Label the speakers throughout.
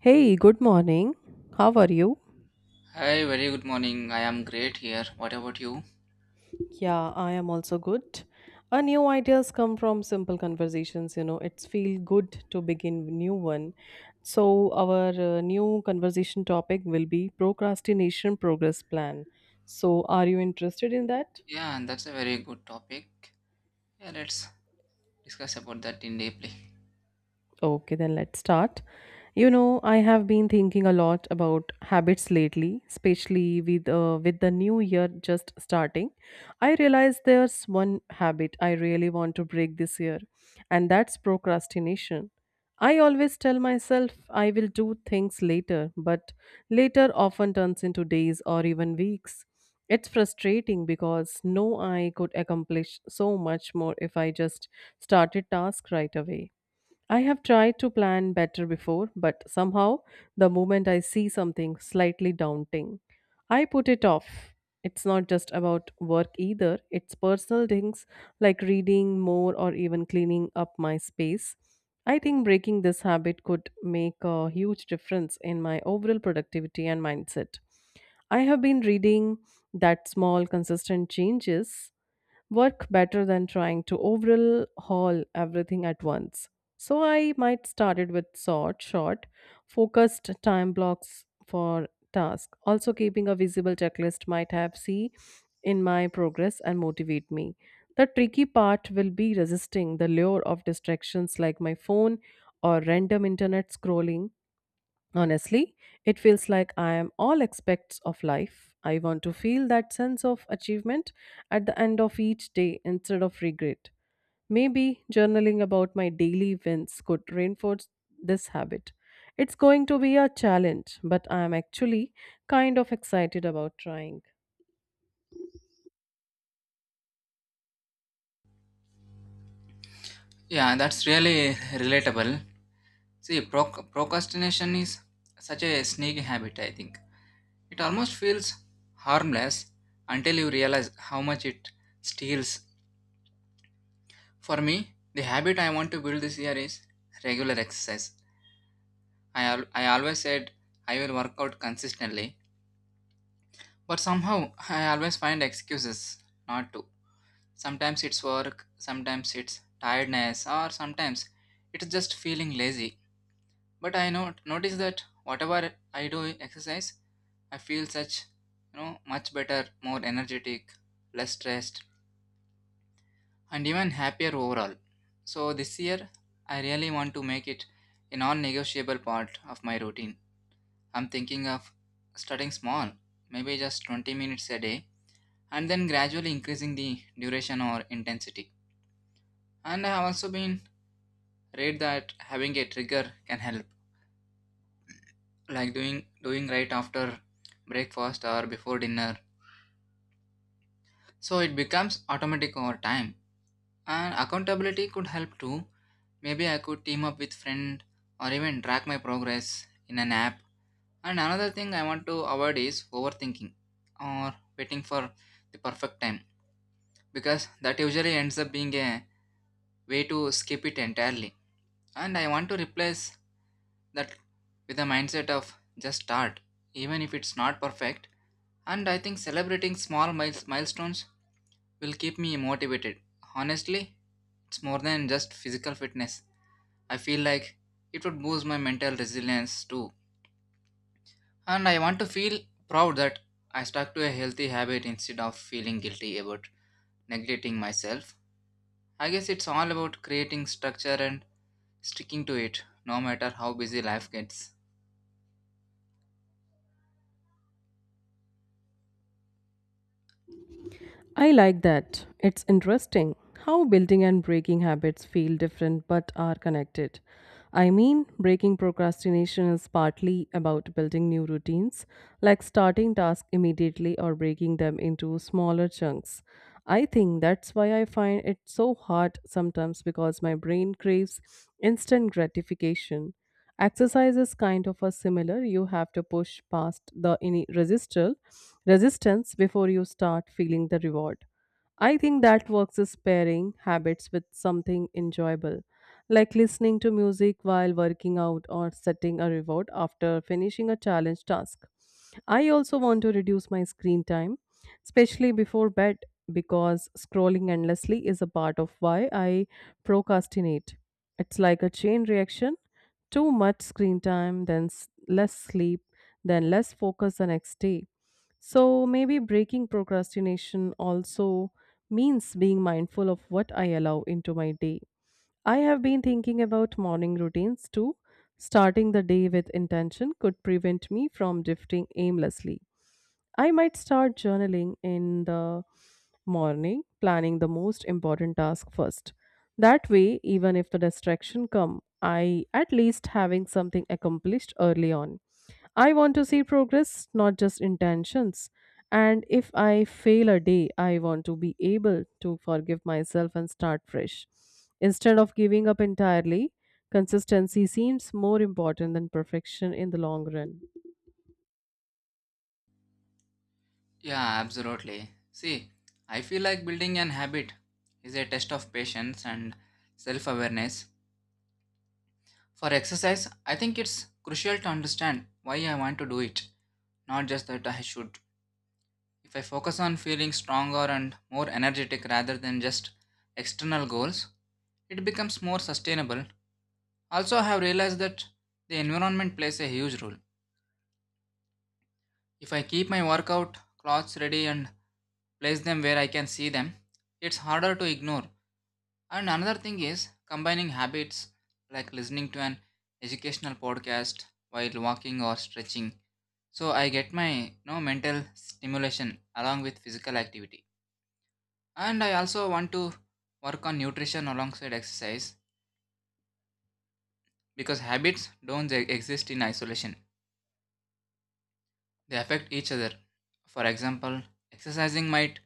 Speaker 1: Hey, good morning. How are you?
Speaker 2: Hi, very good morning. I am great here. What about you?
Speaker 1: Yeah, I am also good. A new ideas come from simple conversations, you know. It's feel good to begin new one. So our new conversation topic will be procrastination progress plan. So are you interested in that?
Speaker 2: Yeah, and that's a very good topic. Yeah, let's discuss about that in deeply.
Speaker 1: Okay, then let's start. You know, I have been thinking a lot about habits lately, especially with the new year just starting. I realize there's one habit I really want to break this year, and that's procrastination. I always tell myself I will do things later, but later often turns into days or even weeks. It's frustrating because no I could accomplish so much more if I just started task right away. I have tried to plan better before, but somehow the moment I see something slightly daunting, I put it off. It's not just about work either, it's personal things like reading more or even cleaning up my space. I think breaking this habit could make a huge difference in my overall productivity and mindset. I have been reading that small, consistent changes work better than trying to overhaul everything at once. So I might started with short, focused time blocks for task. Also keeping a visible checklist might have see in my progress and motivate me. The tricky part will be resisting the lure of distractions like my phone or random internet scrolling. Honestly, it feels like I am all aspects of life. I want to feel that sense of achievement at the end of each day instead of regret. Maybe journaling about my daily wins could reinforce this habit. It's going to be a challenge, but I am actually kind of excited about trying.
Speaker 2: Yeah, that's really relatable. See, procrastination is such a sneaky habit, I think. It almost feels harmless until you realize how much it steals. For me, the habit I want to build this year is regular exercise. I always said I will work out consistently, but somehow I always find excuses not to. Sometimes it's work, sometimes it's tiredness, or sometimes it's just feeling lazy. But I not notice that whatever I do exercise, I feel such much better, more energetic, less stressed, and even happier overall. So this year I really want to make it a non-negotiable part of my routine. I'm thinking of starting small, maybe just 20 minutes a day, and then gradually increasing the duration or intensity. And I have also been read that having a trigger can help, like doing right after breakfast or before dinner, so it becomes automatic over time. And accountability could help too. Maybe I could team up with friend or even track my progress in an app. And another thing I want to avoid is overthinking or waiting for the perfect time, because that usually ends up being a way to skip it entirely. And I want to replace that with a mindset of just start, even if it's not perfect. And I think celebrating milestones will keep me motivated. Honestly, it's more than just physical fitness. I feel like it would boost my mental resilience too. And I want to feel proud that I stuck to a healthy habit instead of feeling guilty about neglecting myself. I guess it's all about creating structure and sticking to it, no matter how busy life gets.
Speaker 1: I like that. It's interesting how building and breaking habits feel different but are connected. I mean, breaking procrastination is partly about building new routines, like starting tasks immediately or breaking them into smaller chunks. I think that's why I find it so hard sometimes because my brain craves instant gratification. Exercise is kind of a similar. You have to push past the resistance before you start feeling the reward. I think that works is pairing habits with something enjoyable, like listening to music while working out or setting a reward after finishing a challenge task. I also want to reduce my screen time, especially before bed, because scrolling endlessly is a part of why I procrastinate. It's like a chain reaction, too much screen time, then less sleep, then less focus the next day. So maybe breaking procrastination also means being mindful of what I allow into my day. I have been thinking about morning routines too. Starting the day with intention could prevent me from drifting aimlessly. I might start journaling in the morning, planning the most important task first. That way, even if the distraction come, I at least having something accomplished early on. I want to see progress, not just intentions. And if I fail a day, I want to be able to forgive myself and start fresh. Instead of giving up entirely, consistency seems more important than perfection in the long run.
Speaker 2: Yeah, absolutely. See, I feel like building an habit is a test of patience and self awareness. For exercise, I think it's crucial to understand why I want to do it, not just that I should. If I focus on feeling stronger and more energetic rather than just external goals, it becomes more sustainable. Also, I have realized that the environment plays a huge role. If I keep my workout clothes ready and place them where I can see them, it's harder to ignore. And another thing is combining habits like listening to an educational podcast while walking or stretching. So I get my mental stimulation along with physical activity. And I also want to work on nutrition alongside exercise because habits don't e- exist in isolation. They affect each other. For example, exercising might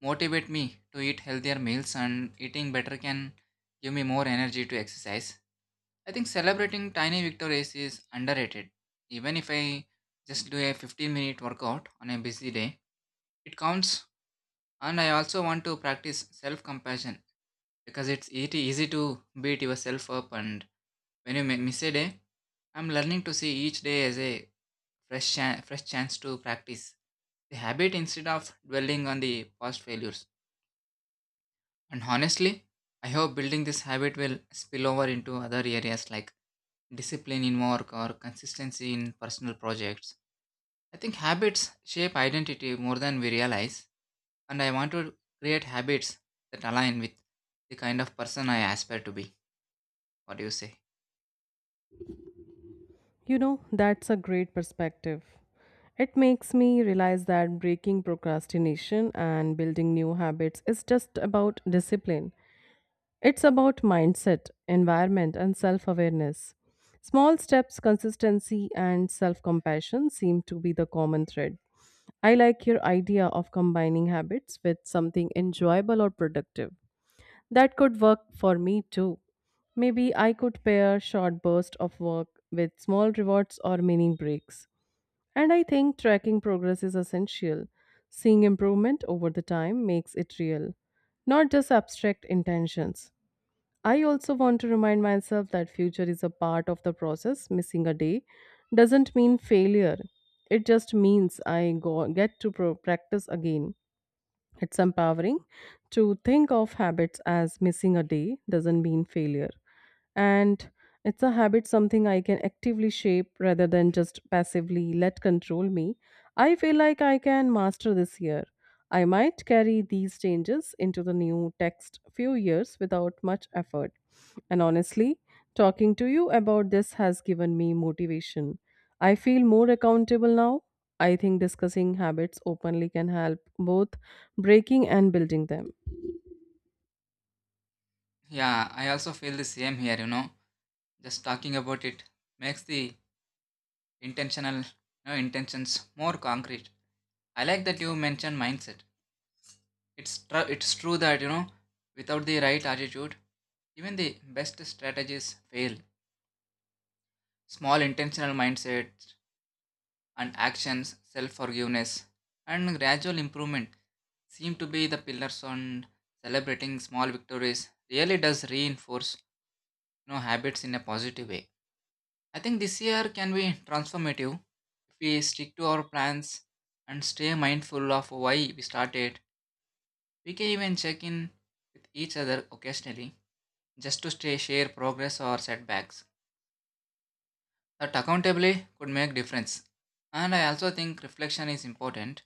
Speaker 2: motivate me to eat healthier meals, and eating better can give me more energy to exercise. I think celebrating tiny victories is underrated. Even if I just do a 15-minute workout on a busy day, it counts. And I also want to practice self compassion because it's it easy to beat yourself up. And when you miss a day, I'm learning to see each day as a fresh chance to practice the habit instead of dwelling on the past failures. And honestly, I hope building this habit will spill over into other areas like discipline in work or consistency in personal projects. I think habits shape identity more than we realize, and I want to create habits that align with the kind of person I aspire to be. What do you say?
Speaker 1: You know, that's a great perspective. It makes me realize that breaking procrastination and building new habits is just about discipline. It's about mindset, environment, and self awareness. Small steps, consistency, and self compassion seem to be the common thread. I like your idea of combining habits with something enjoyable or productive. That could work for me too. Maybe I could pair short bursts of work with small rewards or meaning breaks. And I think tracking progress is essential. Seeing improvement over the time makes it real, not just abstract intentions. I also want to remind myself that future is a part of the process. Missing a day doesn't mean failure. It just means I get to practice again. It's empowering to think of habits as missing a day doesn't mean failure, and it's a habit, something I can actively shape rather than just passively let control me. I feel like I can master this year. I might carry these changes into the new text few years without much effort. And honestly, talking to you about this has given me motivation. I feel more accountable now. I think discussing habits openly can help both breaking and building them.
Speaker 2: Yeah, I also feel the same here, you know. Just talking about it makes the intentional you intentions more concrete. I like that you mentioned mindset. It's true that, you know, without the right attitude, even the best strategies fail. Small intentional mindsets and actions, self forgiveness, and gradual improvement seem to be the pillars on celebrating small victories. Really does reinforce, you know, habits in a positive way. I think this year can be transformative if we stick to our plans and stay mindful of why we started. We can even check in with each other occasionally just to stay share progress or setbacks. That accountability could make difference. And I also think reflection is important.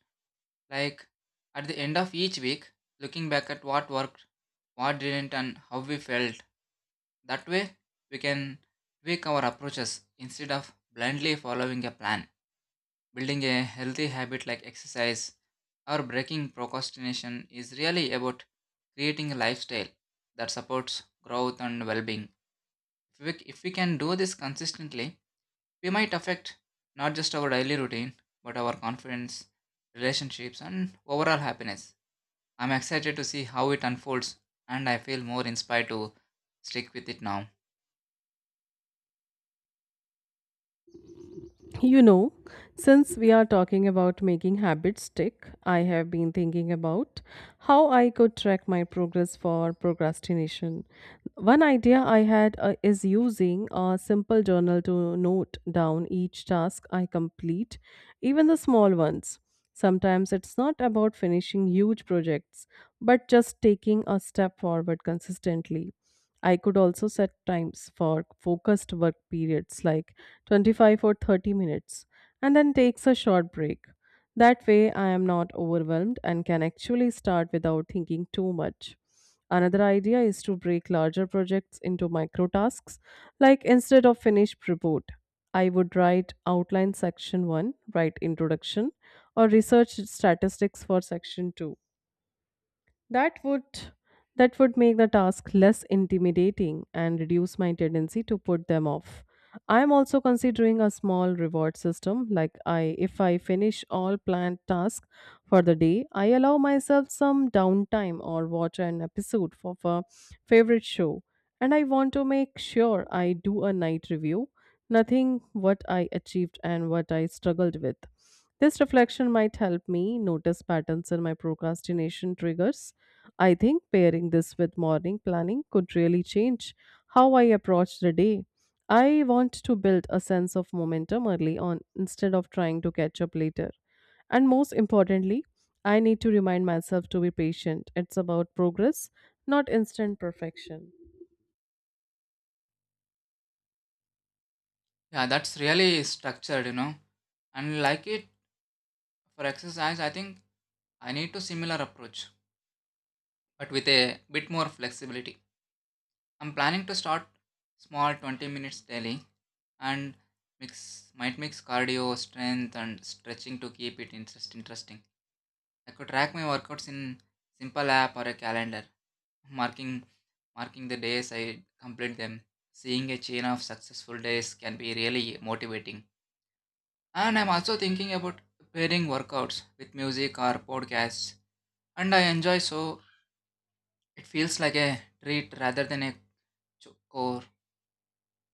Speaker 2: Like at the end of each week, looking back at what worked, what didn't and how we felt. That way we can tweak our approaches instead of blindly following a plan. Building a healthy habit like exercise or breaking procrastination is really about creating a lifestyle that supports growth and well being. If we can do this consistently, we might affect not just our daily routine, but our confidence, relationships, and overall happiness. I'm excited to see how it unfolds, and I feel more inspired to stick with it now.
Speaker 1: You know, since we are talking about making habits stick, I have been thinking about how I could track my progress for procrastination. One idea I had is using a simple journal to note down each task I complete, even the small ones. Sometimes it's not about finishing huge projects, but just taking a step forward consistently. I could also set times for focused work periods like 25 or 30 minutes and then takes a short break. That way I am not overwhelmed and can actually start without thinking too much. Another idea is to break larger projects into micro tasks, like instead of finished report, I would write outline section 1, write introduction, or research statistics for section 2. That would that would make the task less intimidating and reduce my tendency to put them off. I am also considering a small reward system like I if I finish all planned tasks for the day, I allow myself some downtime or watch an episode of a favorite show. And I want to make sure I do a night review, nothing what I achieved and what I struggled with. This reflection might help me notice patterns in my procrastination triggers. I think pairing this with morning planning could really change how I approach the day. I want to build a sense of momentum early on instead of trying to catch up later. And most importantly, I need to remind myself to be patient. It's about progress, not instant perfection.
Speaker 2: Yeah, that's really structured, you know. And like it for exercise, I think I need to similar approach but with a bit more flexibility. I'm planning to start small 20 minutes daily and mix cardio, strength and stretching to keep it interesting. I could track my workouts in simple app or a calendar, marking marking the days I complete them. Seeing a chain of successful days can be really motivating. And I'm also thinking about pairing workouts with music or podcasts and I enjoy so it feels like a treat rather than a chore.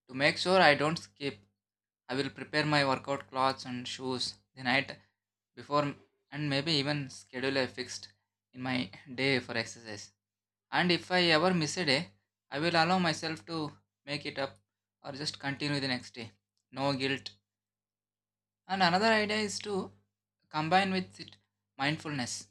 Speaker 2: To make sure I don't skip, I will prepare my workout clothes and shoes the night before and maybe even schedule a fixed in my day for exercise. And if I ever miss a day, I will allow myself to make it up or just continue the next day. No guilt. And another idea is to combine with it mindfulness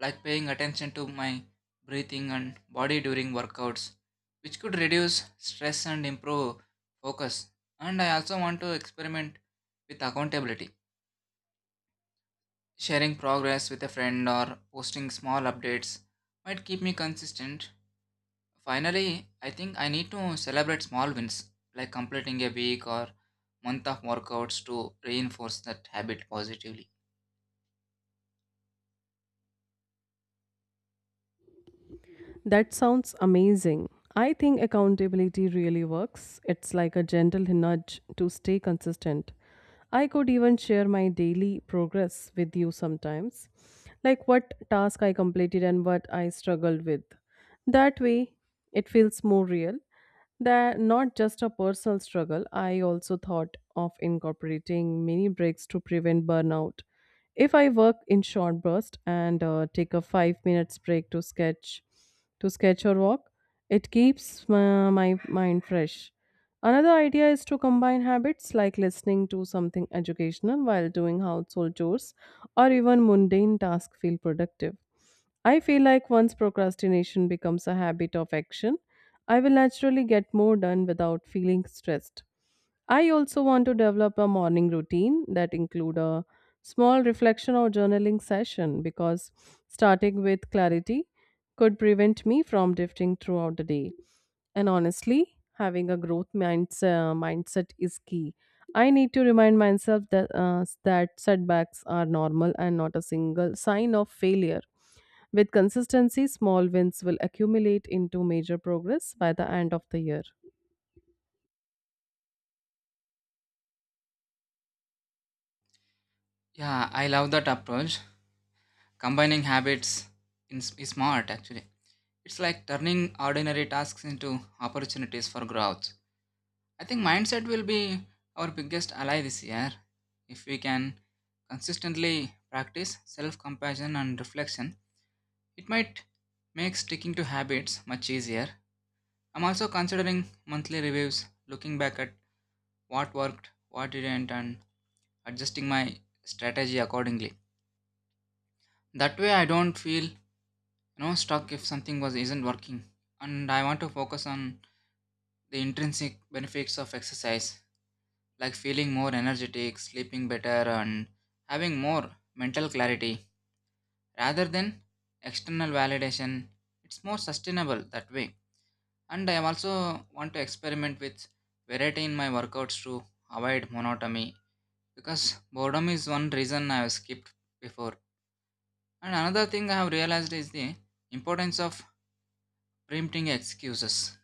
Speaker 2: like paying attention to my breathing and body during workouts, which could reduce stress and improve focus. And I also want to experiment with accountability. Sharing progress with a friend or posting small updates might keep me consistent. Finally, I think I need to celebrate small wins, like completing a week or month of workouts to reinforce that habit positively.
Speaker 1: That sounds amazing. I think accountability really works. It's like a gentle nudge to stay consistent. I could even share my daily progress with you sometimes, like what task I completed and what I struggled with. That way, it feels more real. That not just a personal struggle, I also thought of incorporating mini breaks to prevent burnout. If I work in short bursts and take a 5 minutes break to sketch or walk, it keeps my mind fresh. Another idea is to combine habits like listening to something educational while doing household chores or even mundane tasks feel productive. I feel like once procrastination becomes a habit of action, I will naturally get more done without feeling stressed. I also want to develop a morning routine that include a small reflection or journaling session because starting with clarity could prevent me from drifting throughout the day. And honestly, having a mindset is key. I need to remind myself that setbacks are normal and not a single sign of failure. With consistency, small wins will accumulate into major progress by the end of the year.
Speaker 2: Yeah, I love that approach. Combining habits is smart actually. It's like turning ordinary tasks into opportunities for growth. I think mindset will be our biggest ally this year. If we can consistently practice self compassion and reflection, it might make sticking to habits much easier. I'm also considering monthly reviews, looking back at what worked, what didn't, and adjusting my strategy accordingly. That way, I don't feel, you know, stuck if something was isn't working, and I want to focus on the intrinsic benefits of exercise, like feeling more energetic, sleeping better, and having more mental clarity, rather than external validation. It's more sustainable that way. And I also want to experiment with variety in my workouts to avoid monotony, because boredom is one reason I have skipped before. And another thing I have realized is the importance of preempting excuses.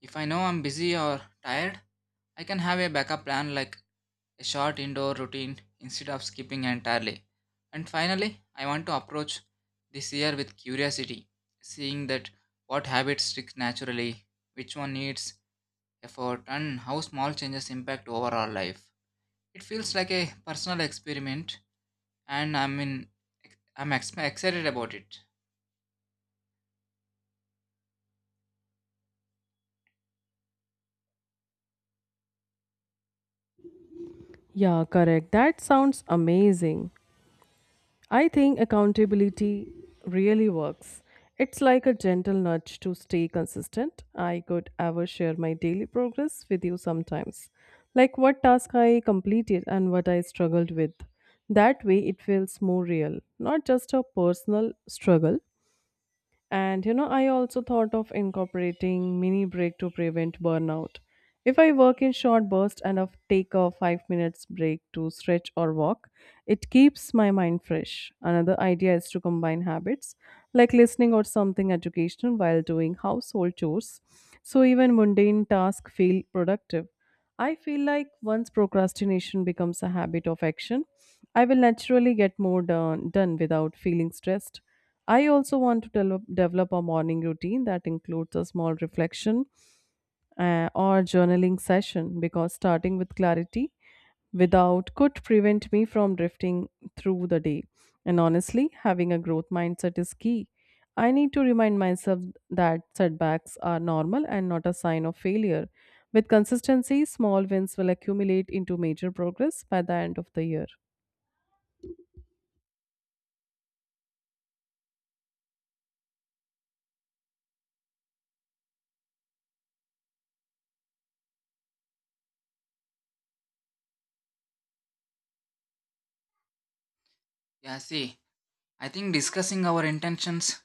Speaker 2: If I know I'm busy or tired, I can have a backup plan like a short indoor routine instead of skipping entirely. And finally, I want to approach this year with curiosity, seeing that what habits stick naturally, which one needs effort, and how small changes impact overall life. It feels like a personal experiment, and I'm excited about it.
Speaker 1: Yeah, correct. That sounds amazing. I think accountability really works. It's like a gentle nudge to stay consistent. I could ever share my daily progress with you sometimes, like what task I completed and what I struggled with. That way, it feels more real, not just a personal struggle, and you know, I also thought of incorporating mini break to prevent burnout. If I work in short bursts and of take a 5 minutes break to stretch or walk, it keeps my mind fresh. Another idea is to combine habits like listening or something educational while doing household chores so even mundane tasks feel productive. I feel like once procrastination becomes a habit of action, I will naturally get more done without feeling stressed. I also want to develop a morning routine that includes a small reflection or journaling session because starting with clarity without could prevent me from drifting through the day. And honestly, having a growth mindset is key. I need to remind myself that setbacks are normal and not a sign of failure. With consistency, small wins will accumulate into major progress by the end of the year.
Speaker 2: Yeah, see, I think discussing our intentions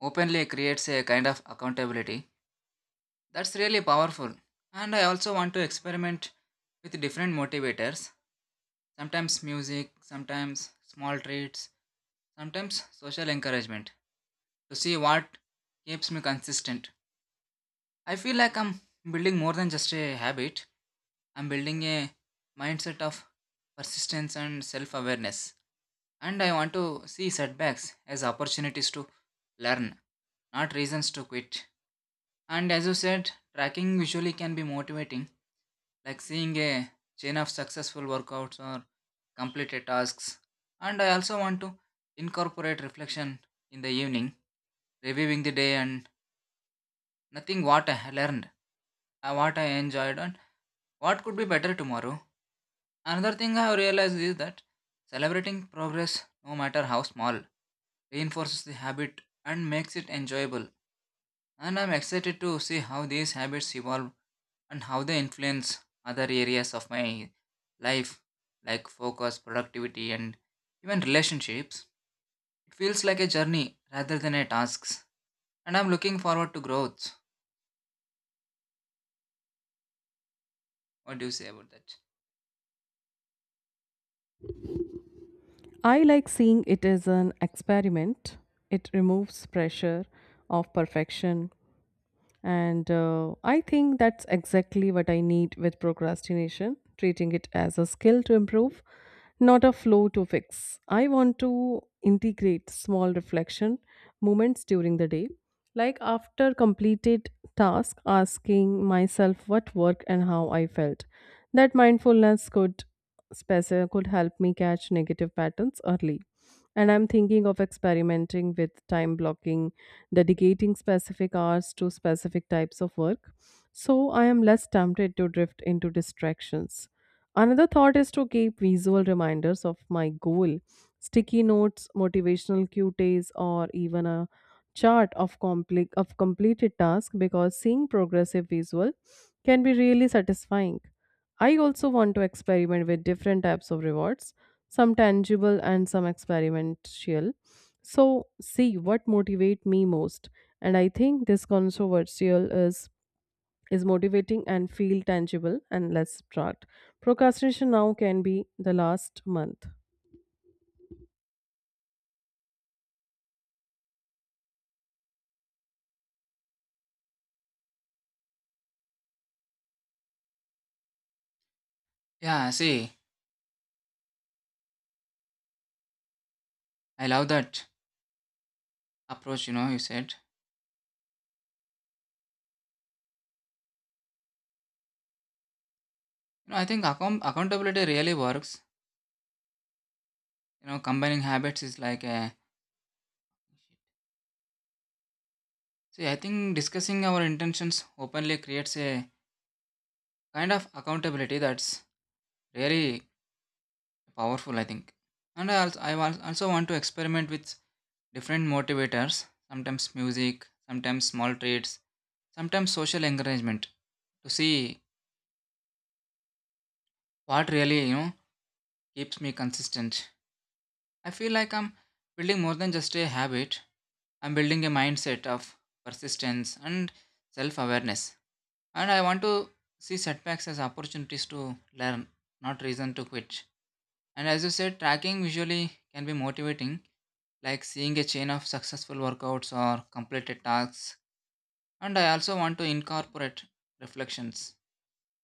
Speaker 2: openly creates a kind of accountability. That's really powerful. And I also want to experiment with different motivators, sometimes music, sometimes small treats, sometimes social encouragement, to see what keeps me consistent. I feel like I'm building more than just a habit, I'm building a mindset of persistence and self awareness. And I want to see setbacks as opportunities to learn, not reasons to quit. And as you said, tracking visually can be motivating, like seeing a chain of successful workouts or completed tasks. And I also want to incorporate reflection in the evening, reviewing the day and nothing what I learned, what I enjoyed, and what could be better tomorrow. Another thing I have realized is that celebrating progress, no matter how small, reinforces the habit and makes it enjoyable. And I'm excited to see how these habits evolve and how they influence other areas of my life, like focus, productivity, and even relationships. It feels like a journey rather than a task. And I'm looking forward to growth. What do you say about that?
Speaker 1: I like seeing it as an experiment. It removes pressure of perfection. And I think that's exactly what I need with procrastination, treating it as a skill to improve, not a flow to fix. I want to integrate small reflection moments during the day, like after completed task, asking myself what worked and how I felt. That mindfulness could help me catch negative patterns early. And I'm thinking of experimenting with time blocking, dedicating specific hours to specific types of work, so I am less tempted to drift into distractions. Another thought is to keep visual reminders of my goal, sticky notes, motivational cues, or even a chart of of completed task because seeing progressive visual can be really satisfying. I also want to experiment with different types of rewards, some tangible and some experimental. So, see what motivates me most. And I think this controversial is motivating and feel tangible and less trot. Procrastination now can be the last month.
Speaker 2: Yeah, see, I love that approach, you know, you said. You know, I think accountability really works. You know, combining habits is like a. See, I think discussing our intentions openly creates a kind of accountability that's really powerful, I think. And I also want to experiment with different motivators. Sometimes music, sometimes small treats, sometimes social encouragement, to see what really, keeps me consistent. I feel like I'm building more than just a habit. I'm building a mindset of persistence and self awareness. And I want to see setbacks as opportunities to learn, not reason to quit. And as you said, tracking visually can be motivating, like seeing a chain of successful workouts or completed tasks. And I also want to incorporate reflections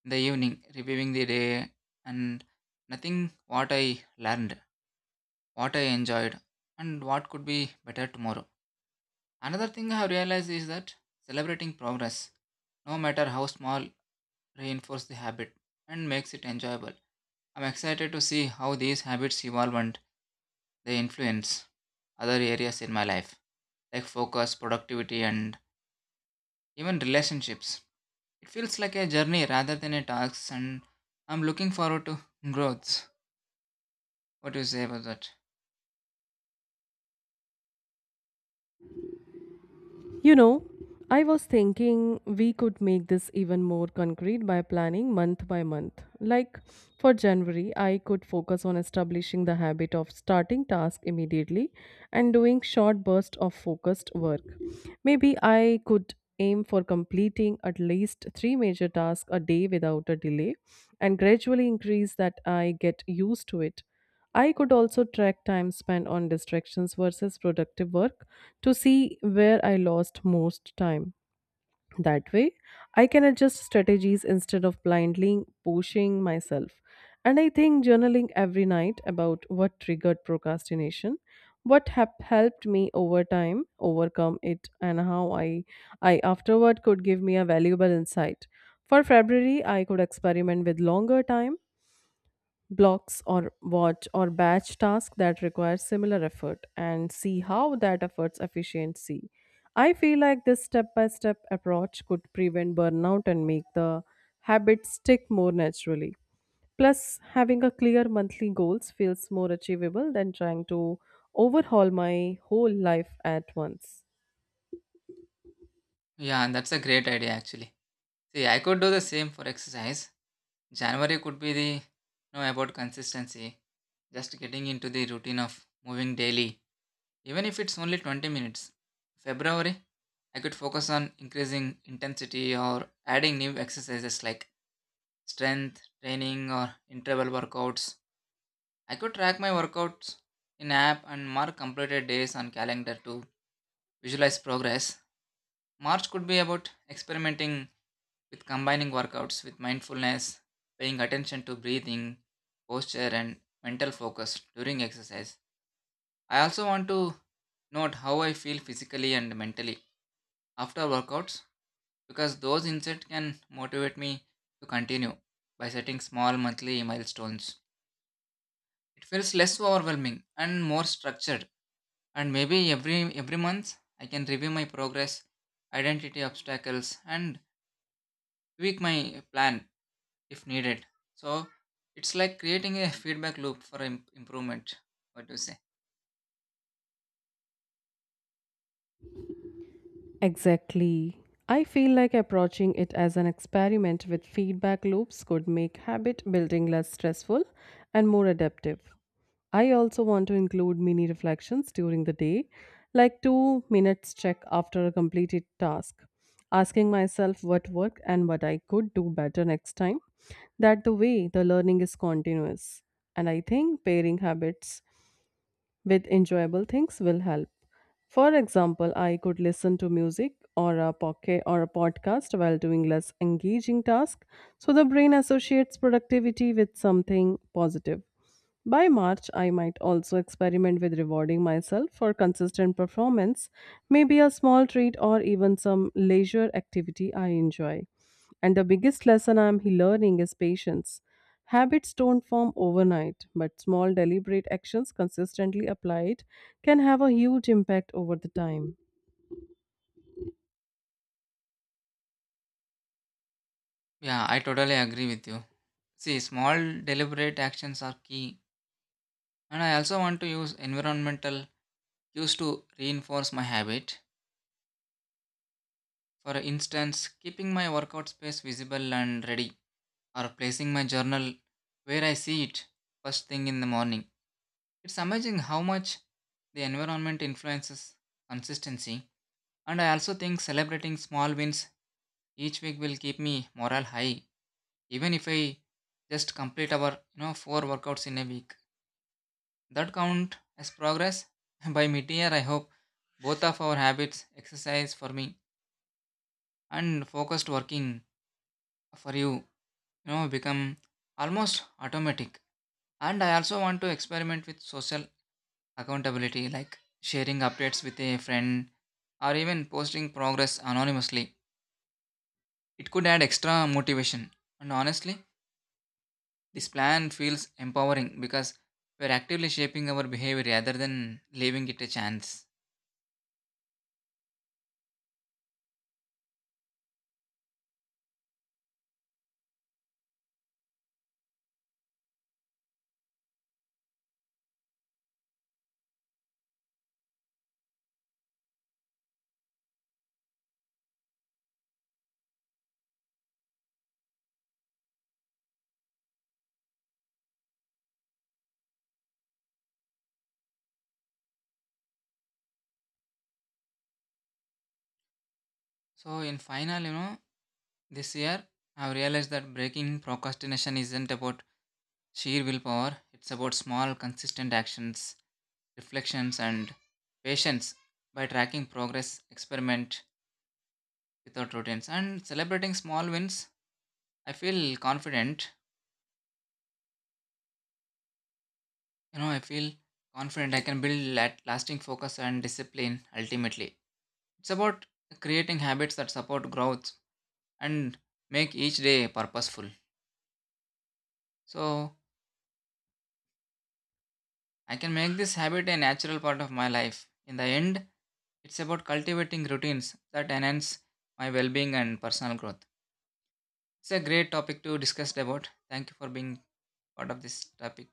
Speaker 2: in the evening, reviewing the day and nothing what I learned, what I enjoyed, and what could be better tomorrow. Another thing I have realized is that celebrating progress, no matter how small, reinforces the habit and makes it enjoyable. I'm excited to see how these habits evolve and they influence other areas in my life, like focus, productivity, and even relationships. It feels like a journey rather than a task, and I'm looking forward to growth. What do you say about that?
Speaker 1: You know, I was thinking we could make this even more concrete by planning month by month. Like for January, I could focus on establishing the habit of starting tasks immediately and doing short bursts of focused work. Maybe I could aim for completing at least three major tasks a day without a delay and gradually increase that I get used to it. I could also track time spent on distractions versus productive work to see where I lost most time. That way, I can adjust strategies instead of blindly pushing myself. And I think journaling every night about what triggered procrastination, what have helped me over time overcome it, and how I afterward could give me a valuable insight. For February, I could experiment with longer time blocks or watch or batch tasks that require similar effort and see how that efforts efficiency. I feel like this step by step approach could prevent burnout and make the habit stick more naturally. Plus, having a clear monthly goals feels more achievable than trying to overhaul my whole life at once.
Speaker 2: Yeah, and that's a great idea actually. See, I could do the same for exercise. January could be the, about consistency, just getting into the routine of moving daily. Even if it's only 20 minutes. February, I could focus on increasing intensity or adding new exercises like strength training or interval workouts. I could track my workouts in app and mark completed days on calendar to visualize progress. March could be about experimenting with combining workouts with mindfulness, paying attention to breathing, posture and mental focus during exercise. I also want to note how I feel physically and mentally after workouts, because those insights can motivate me to continue by setting small monthly milestones. It feels less overwhelming and more structured, and maybe every month I can review my progress, identity obstacles and tweak my plan if needed. So it's like creating a feedback loop for improvement. What do you say?
Speaker 1: Exactly. I feel like approaching it as an experiment with feedback loops could make habit building less stressful and more adaptive. I also want to include mini reflections during the day, like 2 minutes check after a completed task, asking myself what worked and what I could do better next time. That the way the learning is continuous. And I think pairing habits with enjoyable things will help. For example, I could listen to music or a pocket or a podcast while doing less engaging task, so the brain associates productivity with something positive. By March, I might also experiment with rewarding myself for consistent performance, maybe a small treat or even some leisure activity I enjoy. And the biggest lesson I'm learning is patience. Habits don't form overnight, but small deliberate actions consistently applied can have a huge impact over the time.
Speaker 2: Yeah, I totally agree with you. See, small deliberate actions are key. And I also want to use environmental used to reinforce my habit. For instance, keeping my workout space visible and ready, or placing my journal where I see it first thing in the morning. It's amazing how much the environment influences consistency. And I also think celebrating small wins each week will keep me morale high, even if I just complete our, 4 workouts in a week, that count as progress. By mid-year I hope both of our habits, exercise for me and focused working for you, you know, become almost automatic. And I also want to experiment with social accountability, like sharing updates with a friend or even posting progress anonymously. It could add extra motivation. And honestly, this plan feels empowering because we're actively shaping our behavior rather than leaving it a chance. So in final, you know, this year I've realized that breaking procrastination isn't about sheer willpower. It's about small, consistent actions, reflections, and patience. By tracking progress, experiment without routines, and celebrating small wins, I feel confident. You know, I feel confident I can build lasting focus and discipline. Ultimately, it's about creating habits that support growth and make each day purposeful. So, I can make this habit a natural part of my life. In the end, it's about cultivating routines that enhance my well being and personal growth. It's a great topic to discuss about. Thank you for being part of this topic.